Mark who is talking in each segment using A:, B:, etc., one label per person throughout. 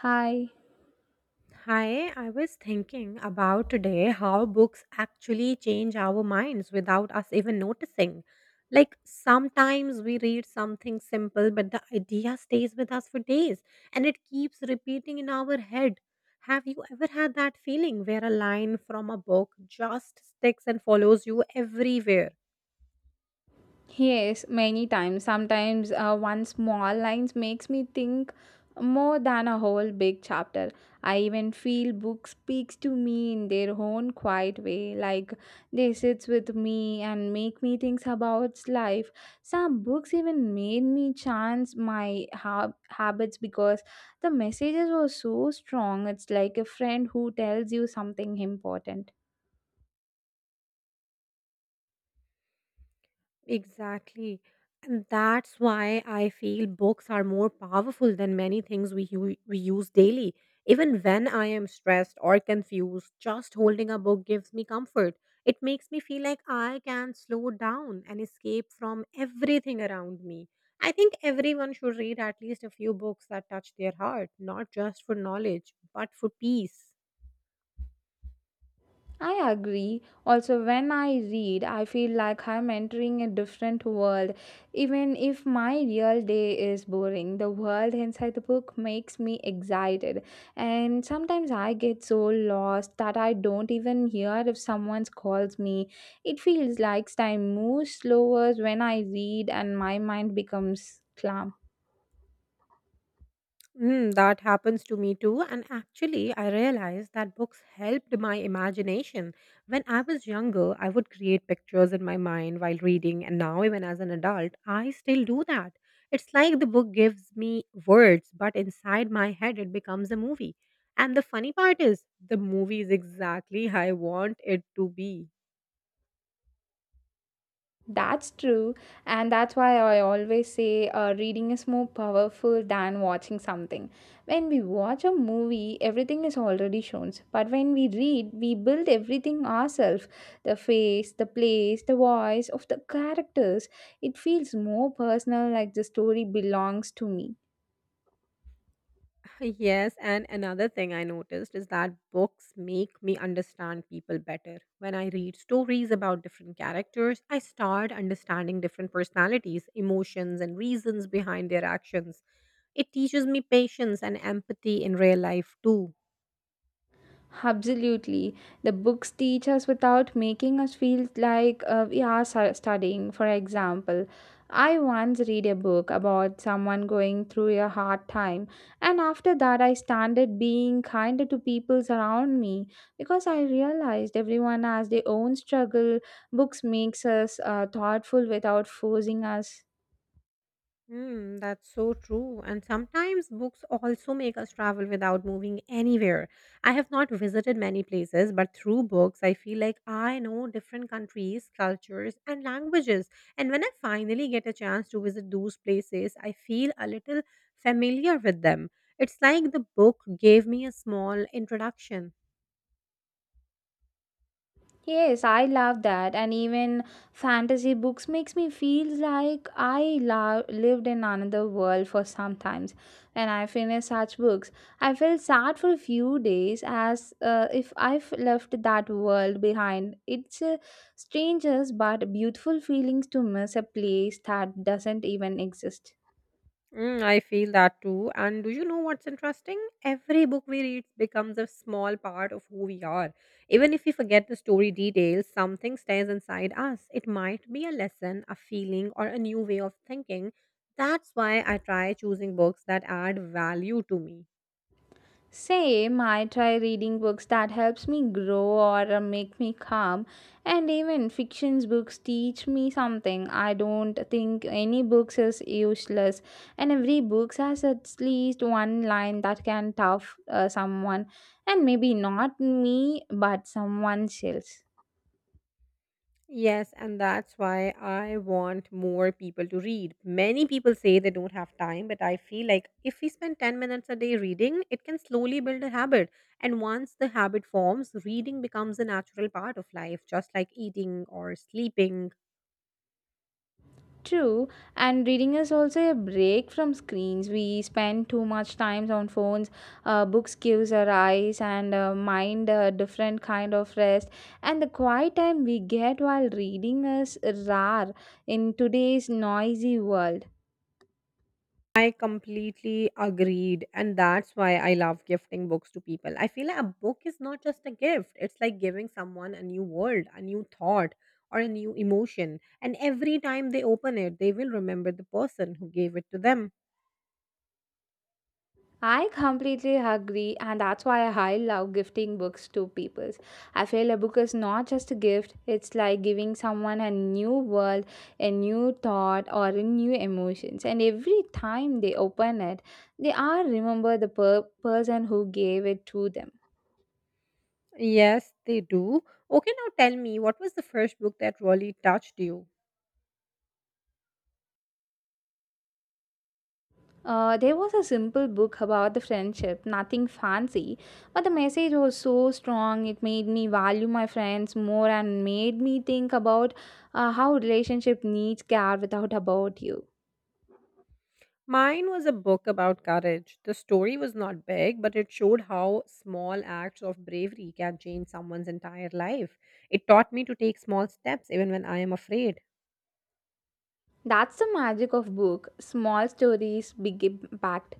A: Hi.
B: Hi, I was thinking about today how books actually change our minds without us even noticing. Like sometimes we read something simple, but the idea stays with us for days and it keeps repeating in our head. Have you ever had that feeling where a line from a book just sticks and follows you everywhere?
A: Yes, many times. Sometimes one small line makes me think more than a whole big chapter. I even feel book speaks to me in their own quiet way. Like they sits with me and make me think about life. Some books even made me habits because the messages were so strong. It's like a friend who tells you something important.
B: Exactly. And that's why I feel books are more powerful than many things we use daily. Even when I am stressed or confused, just holding a book gives me comfort. It makes me feel like I can slow down and escape from everything around me. I think everyone should read at least a few books that touch their heart, not just for knowledge, but for peace.
A: I agree. Also, when I read, I feel like I'm entering a different world. Even if my real day is boring, the world inside the book makes me excited. And sometimes I get so lost that I don't even hear if someone calls me. It feels like time moves slower when I read and my mind becomes calm.
B: Mm, that happens to me too. And actually, I realized that books helped my imagination. When I was younger, I would create pictures in my mind while reading. And now, even as an adult, I still do that. It's like the book gives me words, but inside my head, it becomes a movie. And the funny part is, the movie is exactly how I want it to be.
A: That's true, and that's why I always say reading is more powerful than watching something. When we watch a movie, everything is already shown, but when we read, we build everything ourselves the face, the place, the voice of the characters. It feels more personal, like the story belongs to me.
B: Yes, and another thing I noticed is that books make me understand people better. When I read stories about different characters, I start understanding different personalities, emotions, and reasons behind their actions. It teaches me patience and empathy in real life too.
A: Absolutely. The books teach us without making us feel like we are studying. For example, I once read a book about someone going through a hard time, and after that, I started being kinder to people around me because I realized everyone has their own struggle. Books makes us thoughtful without forcing us.
B: Mm, that's so true. And sometimes books also make us travel without moving anywhere. I have not visited many places, but through books, I feel like I know different countries, cultures, and languages. And when I finally get a chance to visit those places, I feel a little familiar with them. It's like the book gave me a small introduction.
A: Yes, I love that, and even fantasy books makes me feel like I lived in another world for sometimes. Times. When I finish such books, I feel sad for a few days, as if I've left that world behind. It's a strangers but beautiful feelings to miss a place that doesn't even exist.
B: Mm, I feel that too. And do you know what's interesting? Every book we read becomes a small part of who we are. Even if we forget the story details, something stays inside us. It might be a lesson, a feeling, or a new way of thinking. That's why I try choosing books that add value to me.
A: Same, I try reading books that helps me grow or make me calm and even fictions books teach me something. I don't think any books is useless and every book has at least one line that can tough someone and maybe not me but someone else.
B: Yes, and that's why I want more people to read. Many people say they don't have time, but I feel like if we spend 10 minutes a day reading, it can slowly build a habit. And once the habit forms, reading becomes a natural part of life, just like eating or sleeping.
A: True, and reading is also a break from screens. We spend too much time on phones. Books gives our eyes and mind a different kind of rest. And the quiet time we get while reading is rare in today's noisy world.
B: I completely agreed. And that's why I love gifting books to people. I feel like a book is not just a gift, it's like giving someone a new world, a new thought, or a new emotion. And every time they open it, they will remember the person who gave it to them.
A: I completely agree, and that's why I love gifting books to people. I feel a book is not just a gift, it's like giving someone a new world, a new thought, or a new emotions. And every time they open it, they are remember the person who gave it to them.
B: Yes, they do. Okay, now tell me, what was the first book that really touched you?
A: There was a simple book about the friendship, nothing fancy, but the message was so strong. It made me value my friends more and made me think about how relationship needs care without about you.
B: Mine was a book about courage. The story was not big, but it showed how small acts of bravery can change someone's entire life. It taught me to take small steps even when I am afraid.
A: That's the magic of book. Small stories, big impact.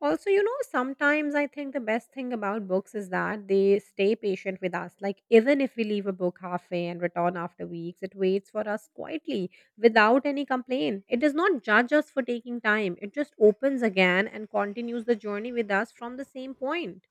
B: Also, you know, sometimes I think the best thing about books is that they stay patient with us. Like, even if we leave a book halfway and return after weeks, it waits for us quietly without any complaint. It does not judge us for taking time, it just opens again and continues the journey with us from the same point.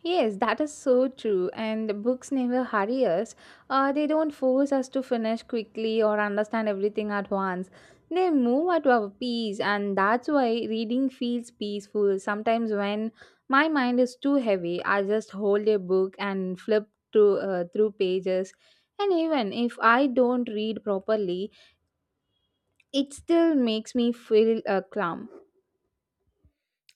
A: Yes, that is so true. And the books never hurry us. They don't force us to finish quickly or understand everything at once. They move at our pace, and that's why reading feels peaceful. Sometimes when my mind is too heavy, I just hold a book and flip to through pages. And even if I don't read properly, it still makes me feel calm.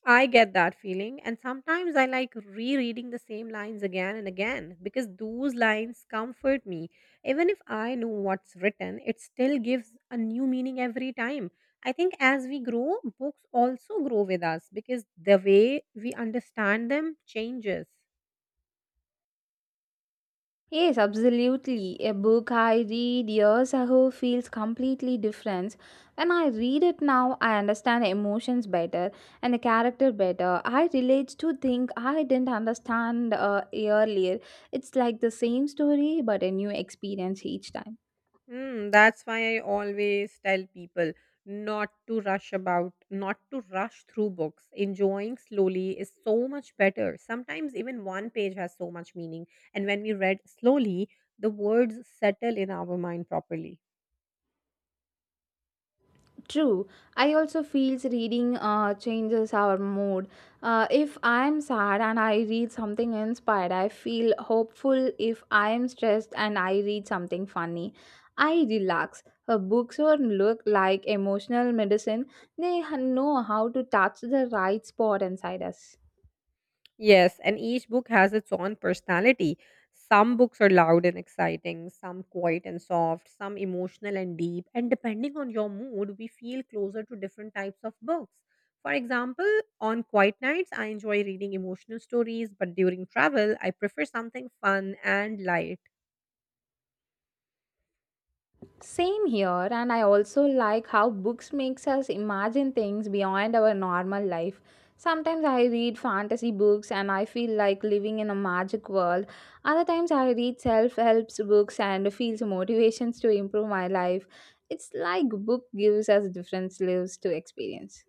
B: I get that feeling, and sometimes I like rereading the same lines again and again because those lines comfort me. Even if I know what's written, it still gives a new meaning every time. I think as we grow, books also grow with us because the way we understand them changes.
A: Yes, absolutely. A book I read years ago feels completely different. When I read it now, I understand emotions better and the character better. I relate to things I didn't understand earlier. It's like the same story, but a new experience each time.
B: Mm, that's why I always tell people not to rush about, not to rush through books. Enjoying slowly is so much better. Sometimes even one page has so much meaning. And when we read slowly, the words settle in our mind properly.
A: True. I also feels reading changes our mood. If I am sad and I read something inspired, I feel hopeful. If I am stressed and I read something funny, I relax. Her books or look like emotional medicine. They know how to touch the right spot inside us.
B: Yes, and each book has its own personality. Some books are loud and exciting, some quiet and soft, some emotional and deep, and depending on your mood, we feel closer to different types of books. For example, on quiet nights, I enjoy reading emotional stories, but during travel, I prefer something fun and light.
A: Same here, and I also like how books makes us imagine things beyond our normal life. Sometimes I read fantasy books and I feel like living in a magic world. Other times I read self-help books and feels motivations to improve my life. It's like book gives us different lives to experience.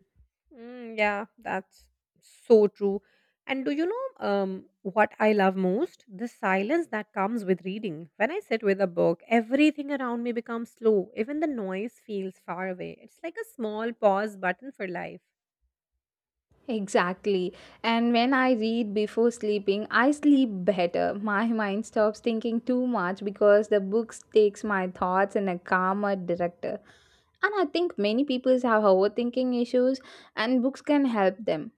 B: Mm, yeah, that's so true. And do you know, what I love most? The silence that comes with reading. When I sit with a book, everything around me becomes slow. Even the noise feels far away. It's like a small pause button for life.
A: Exactly. And when I read before sleeping, I sleep better. My mind stops thinking too much because the book takes my thoughts in a calmer director. And I think many people have overthinking issues and books can help them.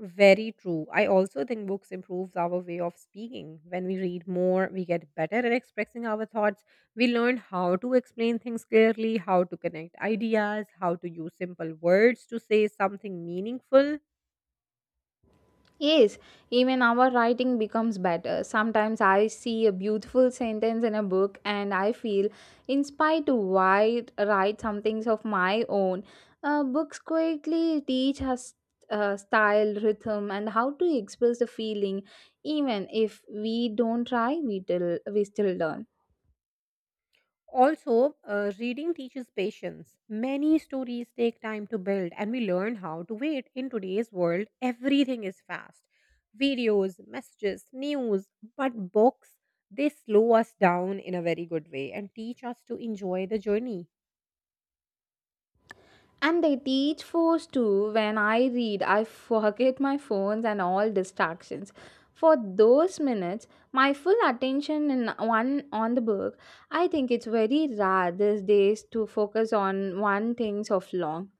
B: Very true. I also think books improves our way of speaking. When we read more, we get better at expressing our thoughts. We learn how to explain things clearly, how to connect ideas, how to use simple words to say something meaningful.
A: Yes, even our writing becomes better. Sometimes I see a beautiful sentence in a book and I feel inspired to write some things of my own. Books quickly teach us style, rhythm, and how to express the feeling. Even if we don't try, we still learn.
B: Also, reading teaches patience. Many stories take time to build, and we learn how to wait. In today's world, everything is fast videos, messages, news, but books, they slow us down in a very good way and teach us to enjoy the journey.
A: And they teach force too. When I read, I forget my phones and all distractions. For those minutes, my full attention in one on the book. I think it's very rare these days to focus on one thing so long.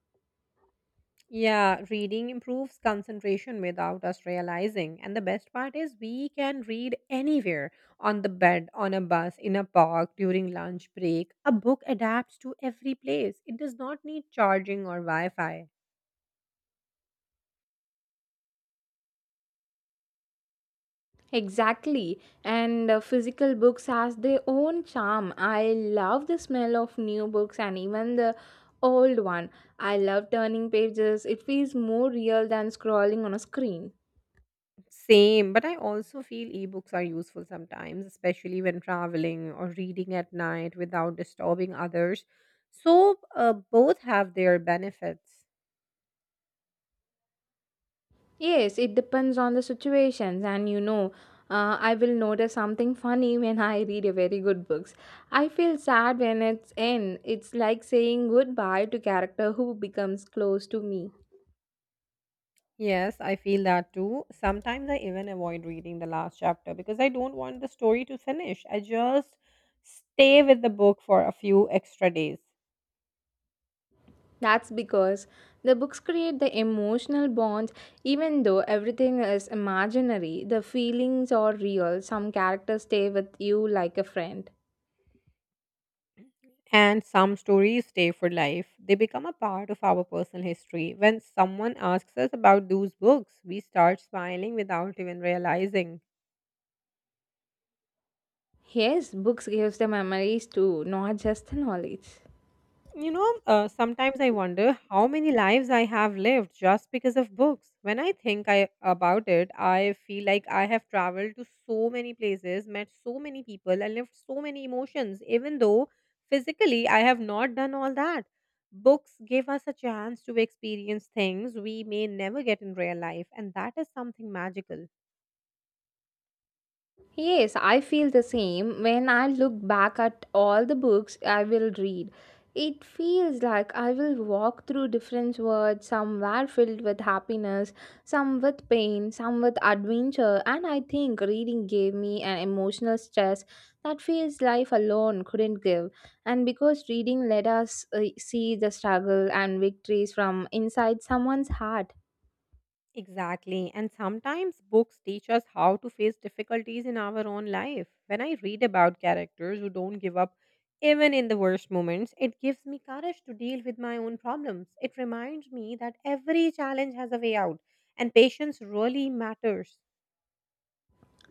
B: Yeah, reading improves concentration without us realizing. And the best part is, we can read anywhere on the bed, on a bus, in a park, during lunch break. A book adapts to every place, it does not need charging or Wi Fi.
A: Exactly. And physical books has their own charm. I love the smell of new books and even the old one. I love turning pages. It feels more real than scrolling on a screen.
B: Same, but I also feel ebooks are useful sometimes, especially when traveling or reading at night without disturbing others. So, both have their benefits.
A: Yes, it depends on the situations and you know, I will notice something funny when I read a very good books. I feel sad when it's end. It's like saying goodbye to character who becomes close to me.
B: Yes, I feel that too. Sometimes I even avoid reading the last chapter because I don't want the story to finish. I just stay with the book for a few extra days.
A: That's because the books create the emotional bonds even though everything is imaginary, the feelings are real. Some characters stay with you like a friend.
B: And some stories stay for life. They become a part of our personal history. When someone asks us about those books, we start smiling without even realizing.
A: Yes, books gives the memories too, not just the knowledge.
B: You know, sometimes I wonder how many lives I have lived just because of books. When about it, I feel like I have traveled to so many places, met so many people, and lived so many emotions, even though physically I have not done all that. Books give us a chance to experience things we may never get in real life, and that is something magical.
A: Yes, I feel the same. When I look back at all the books I will read, it feels like I will walk through different worlds, some were filled with happiness, some with pain, some with adventure, and I think reading gave me an emotional stress that feels life alone couldn't give. And because reading let us see the struggle and victories from inside someone's heart.
B: Exactly. And sometimes books teach us how to face difficulties in our own life. When I read about characters who don't give up even in the worst moments, it gives me courage to deal with my own problems. It reminds me that every challenge has a way out and patience really matters.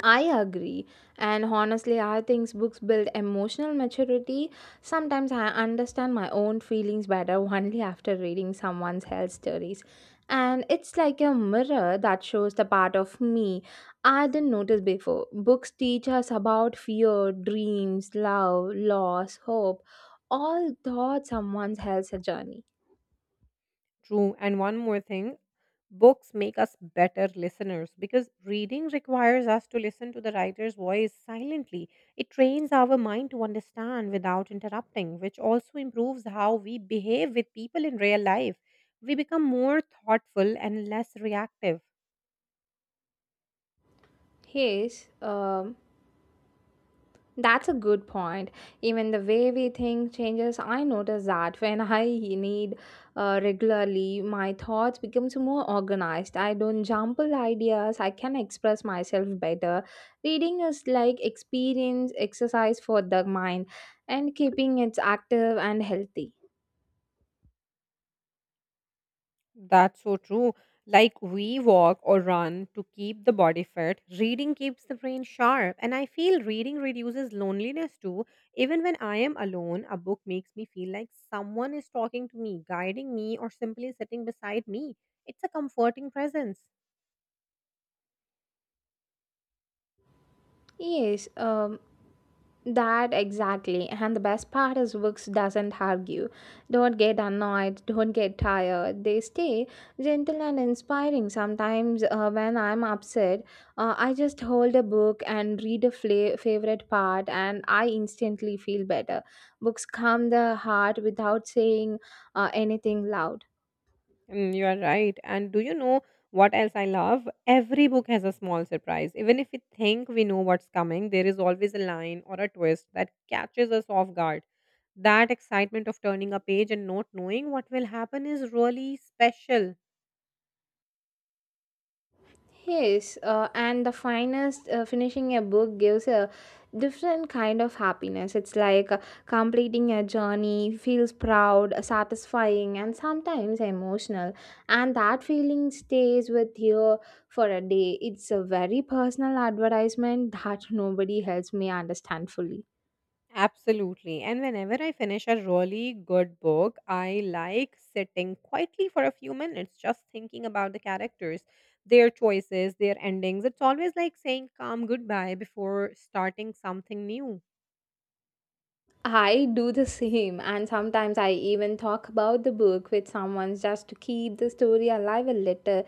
A: I agree. And honestly, I think books build emotional maturity. Sometimes I understand my own feelings better only after reading someone else's stories. And it's like a mirror that shows the part of me I didn't notice before. Books teach us about fear, dreams, love, loss, hope, all thought someone else's journey.
B: True. And one more thing books make us better listeners because reading requires us to listen to the writer's voice silently. It trains our mind to understand without interrupting, which also improves how we behave with people in real life. We become more thoughtful and less reactive.
A: Yes, that's a good point. Even the way we think changes. I notice that when I need regularly, my thoughts becomes more organized. I don't jumble ideas. I can express myself better. Reading is like experience exercise for the mind and keeping it active and healthy.
B: That's so true. Like we walk or run to keep the body fit, reading keeps the brain sharp. And I feel reading reduces loneliness too. Even when I am alone, a book makes me feel like someone is talking to me, guiding me, or simply sitting beside me. It's a comforting presence.
A: Yes, that exactly. And the best part is books doesn't argue. Don't get annoyed, don't get tired. They stay gentle and inspiring. Sometimes when I'm upset, I just hold a book and read a favorite part and I instantly feel better. Books calm the heart without saying anything loud.
B: Mm, you are right. And do you know what else I love? Every book has a small surprise. Even if we think we know what's coming, there is always a line or a twist that catches us off guard. That excitement of turning a page and not knowing what will happen is really special.
A: Yes, and the finest finishing a book gives a different kind of happiness. It's like completing a journey feels proud, satisfying, and sometimes emotional. And that feeling stays with you for a day. It's a very personal advertisement that nobody else may understand fully.
B: Absolutely. And whenever I finish a really good book, I like sitting quietly for a few minutes just thinking about the characters, their choices, their endings. It's always like saying calm goodbye before starting something new.
A: I do the same, and sometimes I even talk about the book with someone just to keep the story alive a little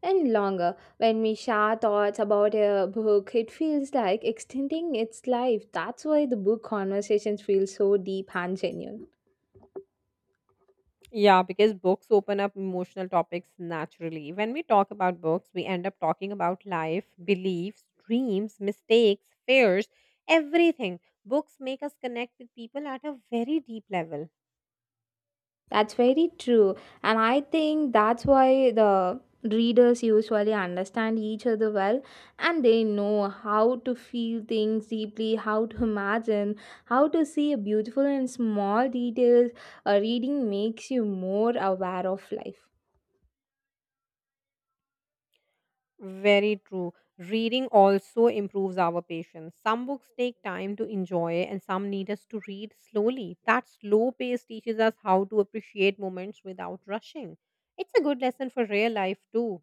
A: and longer. When we share thoughts about a book, it feels like extending its life. That's why the book conversations feel so deep and genuine.
B: Yeah, because books open up emotional topics naturally. When we talk about books, we end up talking about life, beliefs, dreams, mistakes, fears, everything. Books make us connect with people at a very deep level.
A: That's very true. And I think that's why the readers usually understand each other well and they know how to feel things deeply, how to imagine, how to see a beautiful and small details. A reading makes you more aware of life.
B: Very true. Reading also improves our patience. Some books take time to enjoy, and some need us to read slowly. That slow pace teaches us how to appreciate moments without rushing. It's a good lesson for real life, too.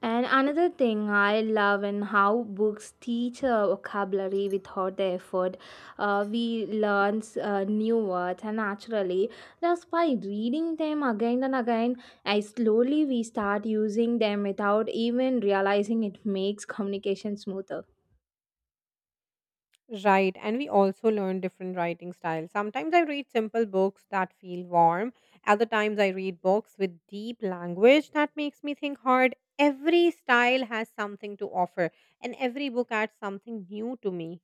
A: And another thing I love in how books teach vocabulary without the effort. We learn new words and naturally just by reading them again and again. I slowly we start using them without even realizing it makes communication smoother.
B: Right, and we also learn different writing styles. Sometimes I read simple books that feel warm, other times I read books with deep language that makes me think hard. Every style has something to offer, and every book adds something new to me.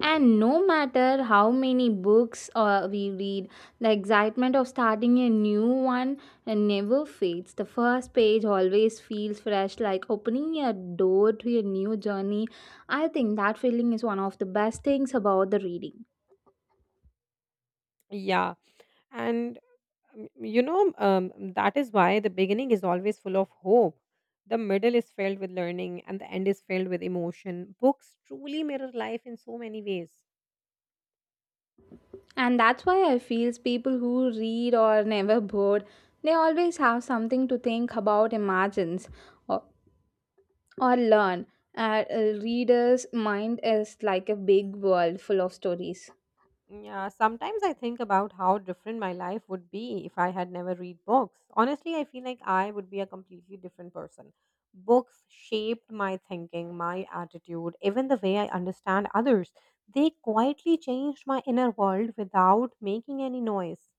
A: And no matter how many books we read, the excitement of starting a new one never fades. The first page always feels fresh, like opening a door to a new journey. I think that feeling is one of the best things about the reading.
B: Yeah. And that is why the beginning is always full of hope. The middle is filled with learning, and the end is filled with emotion. Books truly mirror life in so many ways.
A: And that's why I feel people who read or never bored, they always have something to think about, imagines, or or learn. A reader's mind is like a big world full of stories.
B: Yeah, sometimes I think about how different my life would be if I had never read books. Honestly, I feel like I would be a completely different person. Books shaped my thinking, my attitude, even the way I understand others. They quietly changed my inner world without making any noise.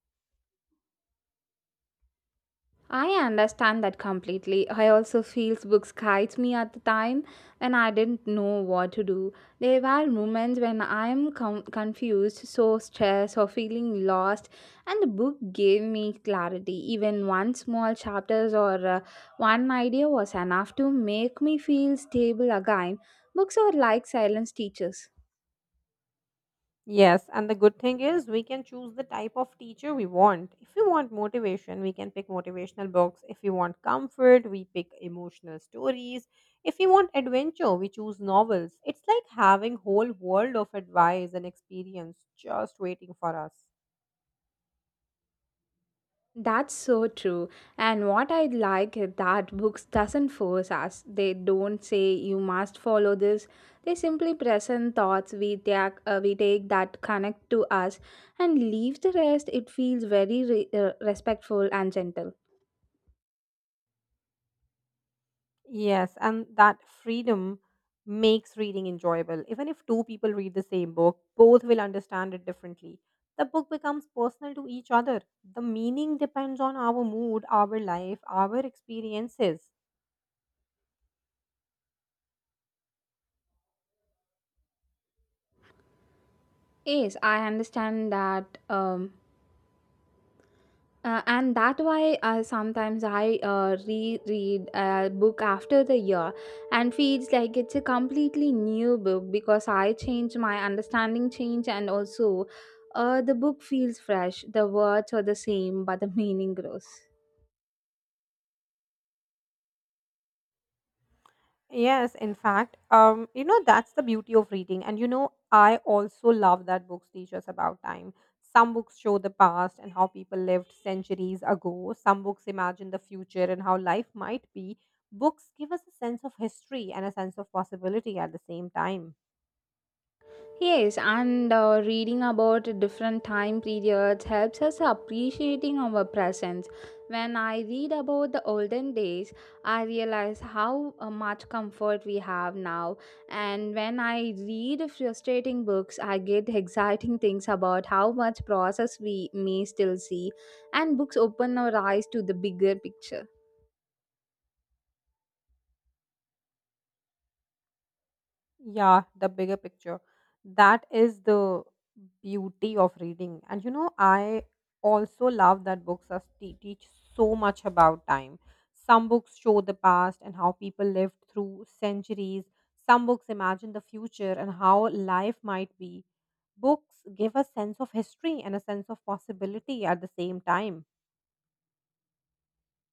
A: I understand that completely. I also feel books guides me at the time and I didn't know what to do. There were moments when I'm confused, so stressed or feeling lost and the book gave me clarity. Even one small chapters or one idea was enough to make me feel stable again. Books are like silence teachers.
B: Yes, and the good thing is we can choose the type of teacher we want. If we want motivation, we can pick motivational books. If we want comfort, we pick emotional stories. If we want adventure, we choose novels. It's like having whole world of advice and experience just waiting for us.
A: That's so true. And what I like is that books doesn't force us. They don't say you must follow this. They simply present thoughts we take that connect to us and leave the rest. It feels very respectful and gentle.
B: Yes, and that freedom makes reading enjoyable. Even if two people read the same book, both will understand it differently. The book becomes personal to each other. The meaning depends on our mood, our life, our experiences.
A: Yes, I understand that and that why sometimes I reread a book after the year and feels like it's a completely new book because I change my understanding change and also the book feels fresh. The words are the same but the meaning grows.
B: Yes, in fact, that's the beauty of reading. And you know, I also love that books teach us about time. Some books show the past and how people lived centuries ago. Some books imagine the future and how life might be. Books give us a sense of history and a sense of possibility at the same time.
A: Yes, and reading about different time periods helps us appreciating our presence. When I read about the olden days, I realize how much comfort we have now. And when I read frustrating books, I get exciting things about how much process we may still see. And books open our eyes to the bigger picture.
B: Yeah, the bigger picture. That is the beauty of reading. And you know, I also love that books teach so much about time. Some books show the past and how people lived through centuries. Some books imagine the future and how life might be. Books give a sense of history and a sense of possibility at the same time,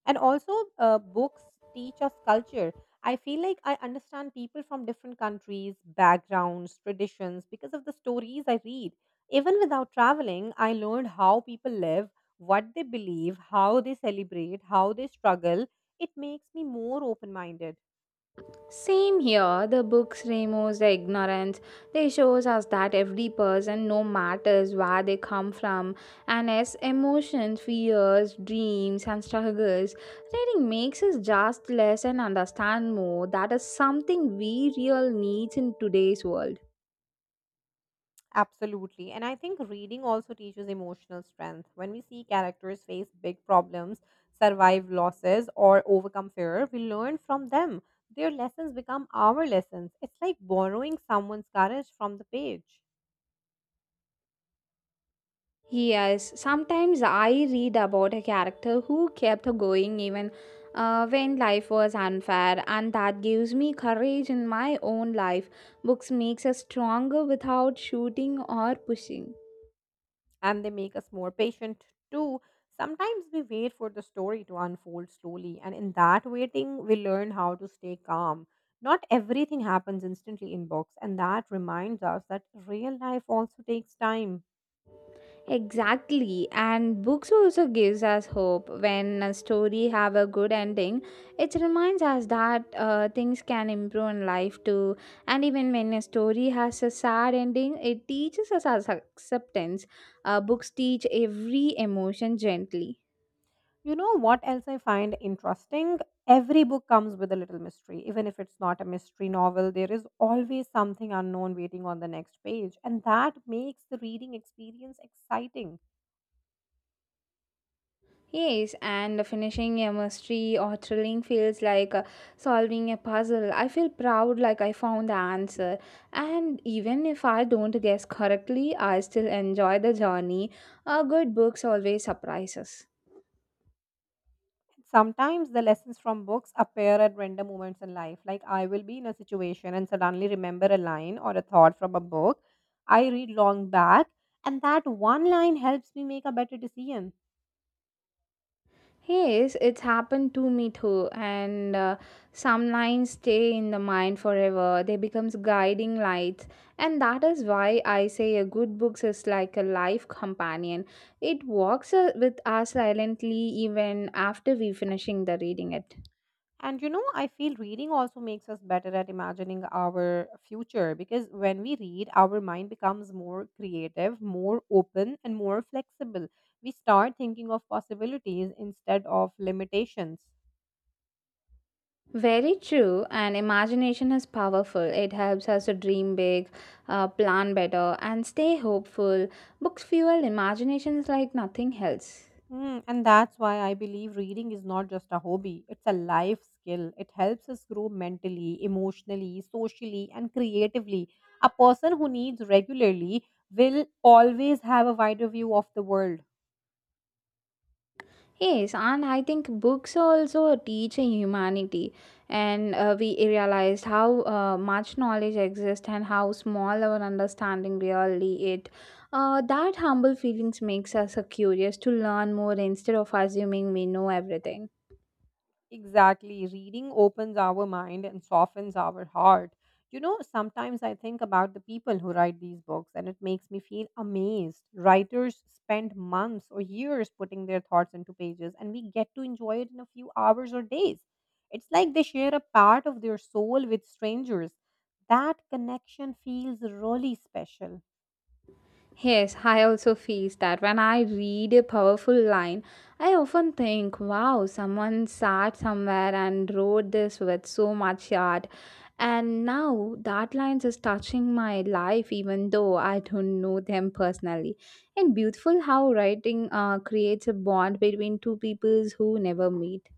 B: and also books teach us culture. I feel like I understand people from different countries, backgrounds, traditions because of the stories I read. Even without traveling, I learned how people live, what they believe, how they celebrate, how they struggle. It makes me more open minded.
A: Same here, the books remove the ignorance. They shows us that every person, no matters where they come from, and as emotions, fears, dreams, and struggles. Reading makes us just less and understand more. That is something we real needs in today's world.
B: Absolutely. And I think reading also teaches emotional strength. When we see characters face big problems, survive losses, or overcome fear, we learn from them. Their lessons become our lessons. It's like borrowing someone's courage from the page.
A: Yes, sometimes I read about a character who kept going even when life was unfair, and that gives me courage in my own life. Books makes us stronger without shooting or pushing.
B: And they make us more patient too. Sometimes we wait for the story to unfold slowly, and in that waiting, we learn how to stay calm. Not everything happens instantly in books, and that reminds us that real life also takes time.
A: Exactly, and books also gives us hope. When a story have a good ending, it reminds us that things can improve in life too. And even when a story has a sad ending, it teaches us as acceptance. Books teach every emotion gently.
B: You know what else I find interesting? Every book comes with a little mystery. Even if it's not a mystery novel, there is always something unknown waiting on the next page. And that makes the reading experience exciting.
A: Yes, and finishing a mystery or thrilling feels like solving a puzzle. I feel proud like I found the answer. And even if I don't guess correctly, I still enjoy the journey. Good books always surprise us.
B: And sometimes the lessons from books appear at random moments in life. Like, I will be in a situation and suddenly remember a line or a thought from a book I read long back, and that one line helps me make a better decision.
A: Yes, it's happened to me too, and some lines stay in the mind forever. They becomes guiding lights, and that is why I say a good book is like a life companion. It walks with us silently even after we finishing the reading it.
B: And you know, I feel reading also makes us better at imagining our future because when we read, our mind becomes more creative, more open, and more flexible. We start thinking of possibilities instead of limitations.
A: Very true, and imagination is powerful. It helps us to dream big, plan better, and stay hopeful. Books fuel imaginations like nothing else.
B: Hmm, and that's why I believe reading is not just a hobby, it's a life skill. It helps us grow mentally, emotionally, socially, and creatively. A person who reads regularly will always have a wider view of the world.
A: Yes, and I think books are also a teaching humanity, and we realized how much knowledge exists and how small our understanding really it. That humble feelings makes us curious to learn more instead of assuming we know everything.
B: Exactly. Reading opens our mind and softens our heart. You know, sometimes I think about the people who write these books and it makes me feel amazed. Writers spend months or years putting their thoughts into pages and we get to enjoy it in a few hours or days. It's like they share a part of their soul with strangers. That connection feels really special.
A: Yes, I also feel that when I read a powerful line, I often think, wow, someone sat somewhere and wrote this with so much art. And now that line is touching my life, even though I don't know them personally. And beautiful how writing creates a bond between two peoples who never meet.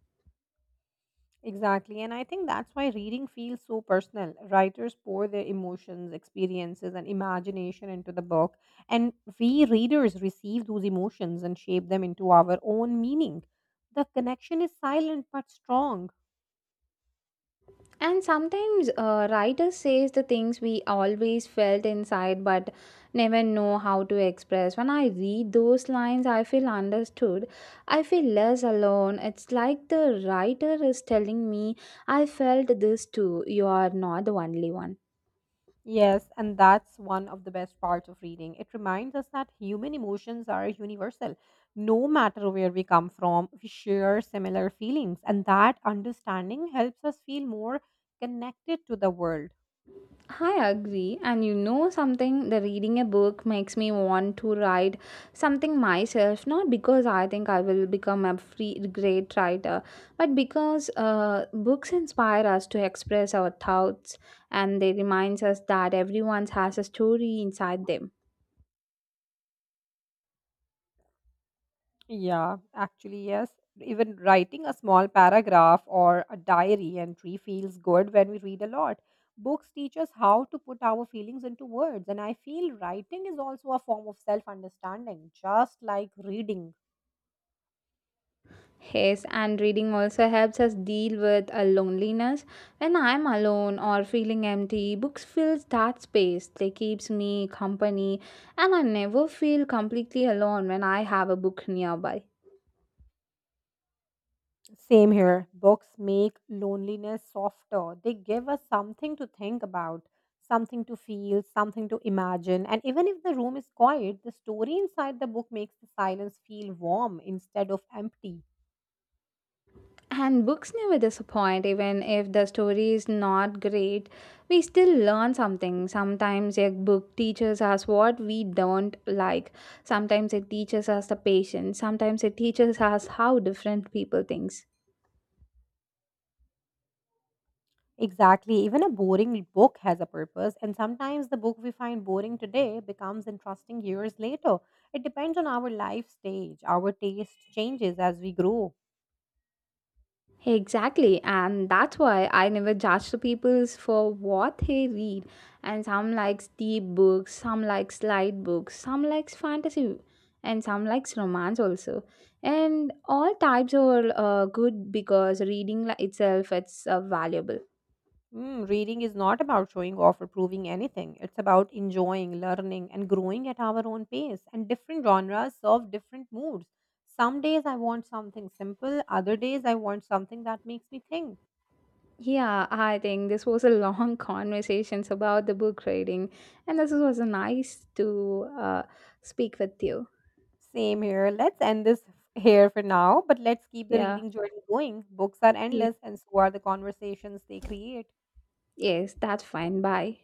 B: Exactly. And I think that's why reading feels so personal. Writers pour their emotions, experiences, and imagination into the book. And we readers receive those emotions and shape them into our own meaning. The connection is silent but strong.
A: And sometimes a writer says the things we always felt inside but never know how to express. When I read those lines, I feel understood. I feel less alone. It's like the writer is telling me, I felt this too. You are not the only one.
B: Yes, and that's one of the best parts of reading. It reminds us that human emotions are universal. No matter where we come from, we share similar feelings. And that understanding helps us feel more connected to the world.
A: I agree. And you know something, the reading a book makes me want to write something myself, not because I think I will become a free, great writer, but because books inspire us to express our thoughts and they reminds us that everyone has a story inside them.
B: Yeah, actually, yes. Even writing a small paragraph or a diary entry feels good when we read a lot. Books teach us how to put our feelings into words, and I feel writing is also a form of self understanding, just like reading.
A: Yes, and reading also helps us deal with a loneliness. When I'm alone or feeling empty, books fills that space. They keeps me company, and I never feel completely alone when I have a book nearby.
B: Same here. Books make loneliness softer, they give us something to think about, something to feel, something to imagine. And even if the room is quiet, the story inside the book makes the silence feel warm instead of empty.
A: And books never disappoint, even if the story is not great. We still learn something. Sometimes a book teaches us what we don't like. Sometimes it teaches us the patience. Sometimes it teaches us how different people think.
B: Exactly. Even a boring book has a purpose, and sometimes the book we find boring today becomes interesting years later. It depends on our life stage. Our taste changes as we grow.
A: Exactly, and that's why I never judge the peoples for what they read. And some likes deep books, some likes light books, some likes fantasy, and some likes romance also. And all types are good because reading itself it's valuable.
B: Mm, reading is not about showing off or proving anything, it's about enjoying, learning, and growing at our own pace. And different genres serve different moods. Some days I want something simple, other days I want something that makes me think.
A: Yeah, I think this was a long conversations about the book reading, and this was nice to speak with you.
B: Same here. Let's end this here for now, but let's keep the
A: Yeah,
B: reading journey going. Books are
A: yeah,
B: endless, and so are the conversations they create.
A: yes, that's fine. Bye.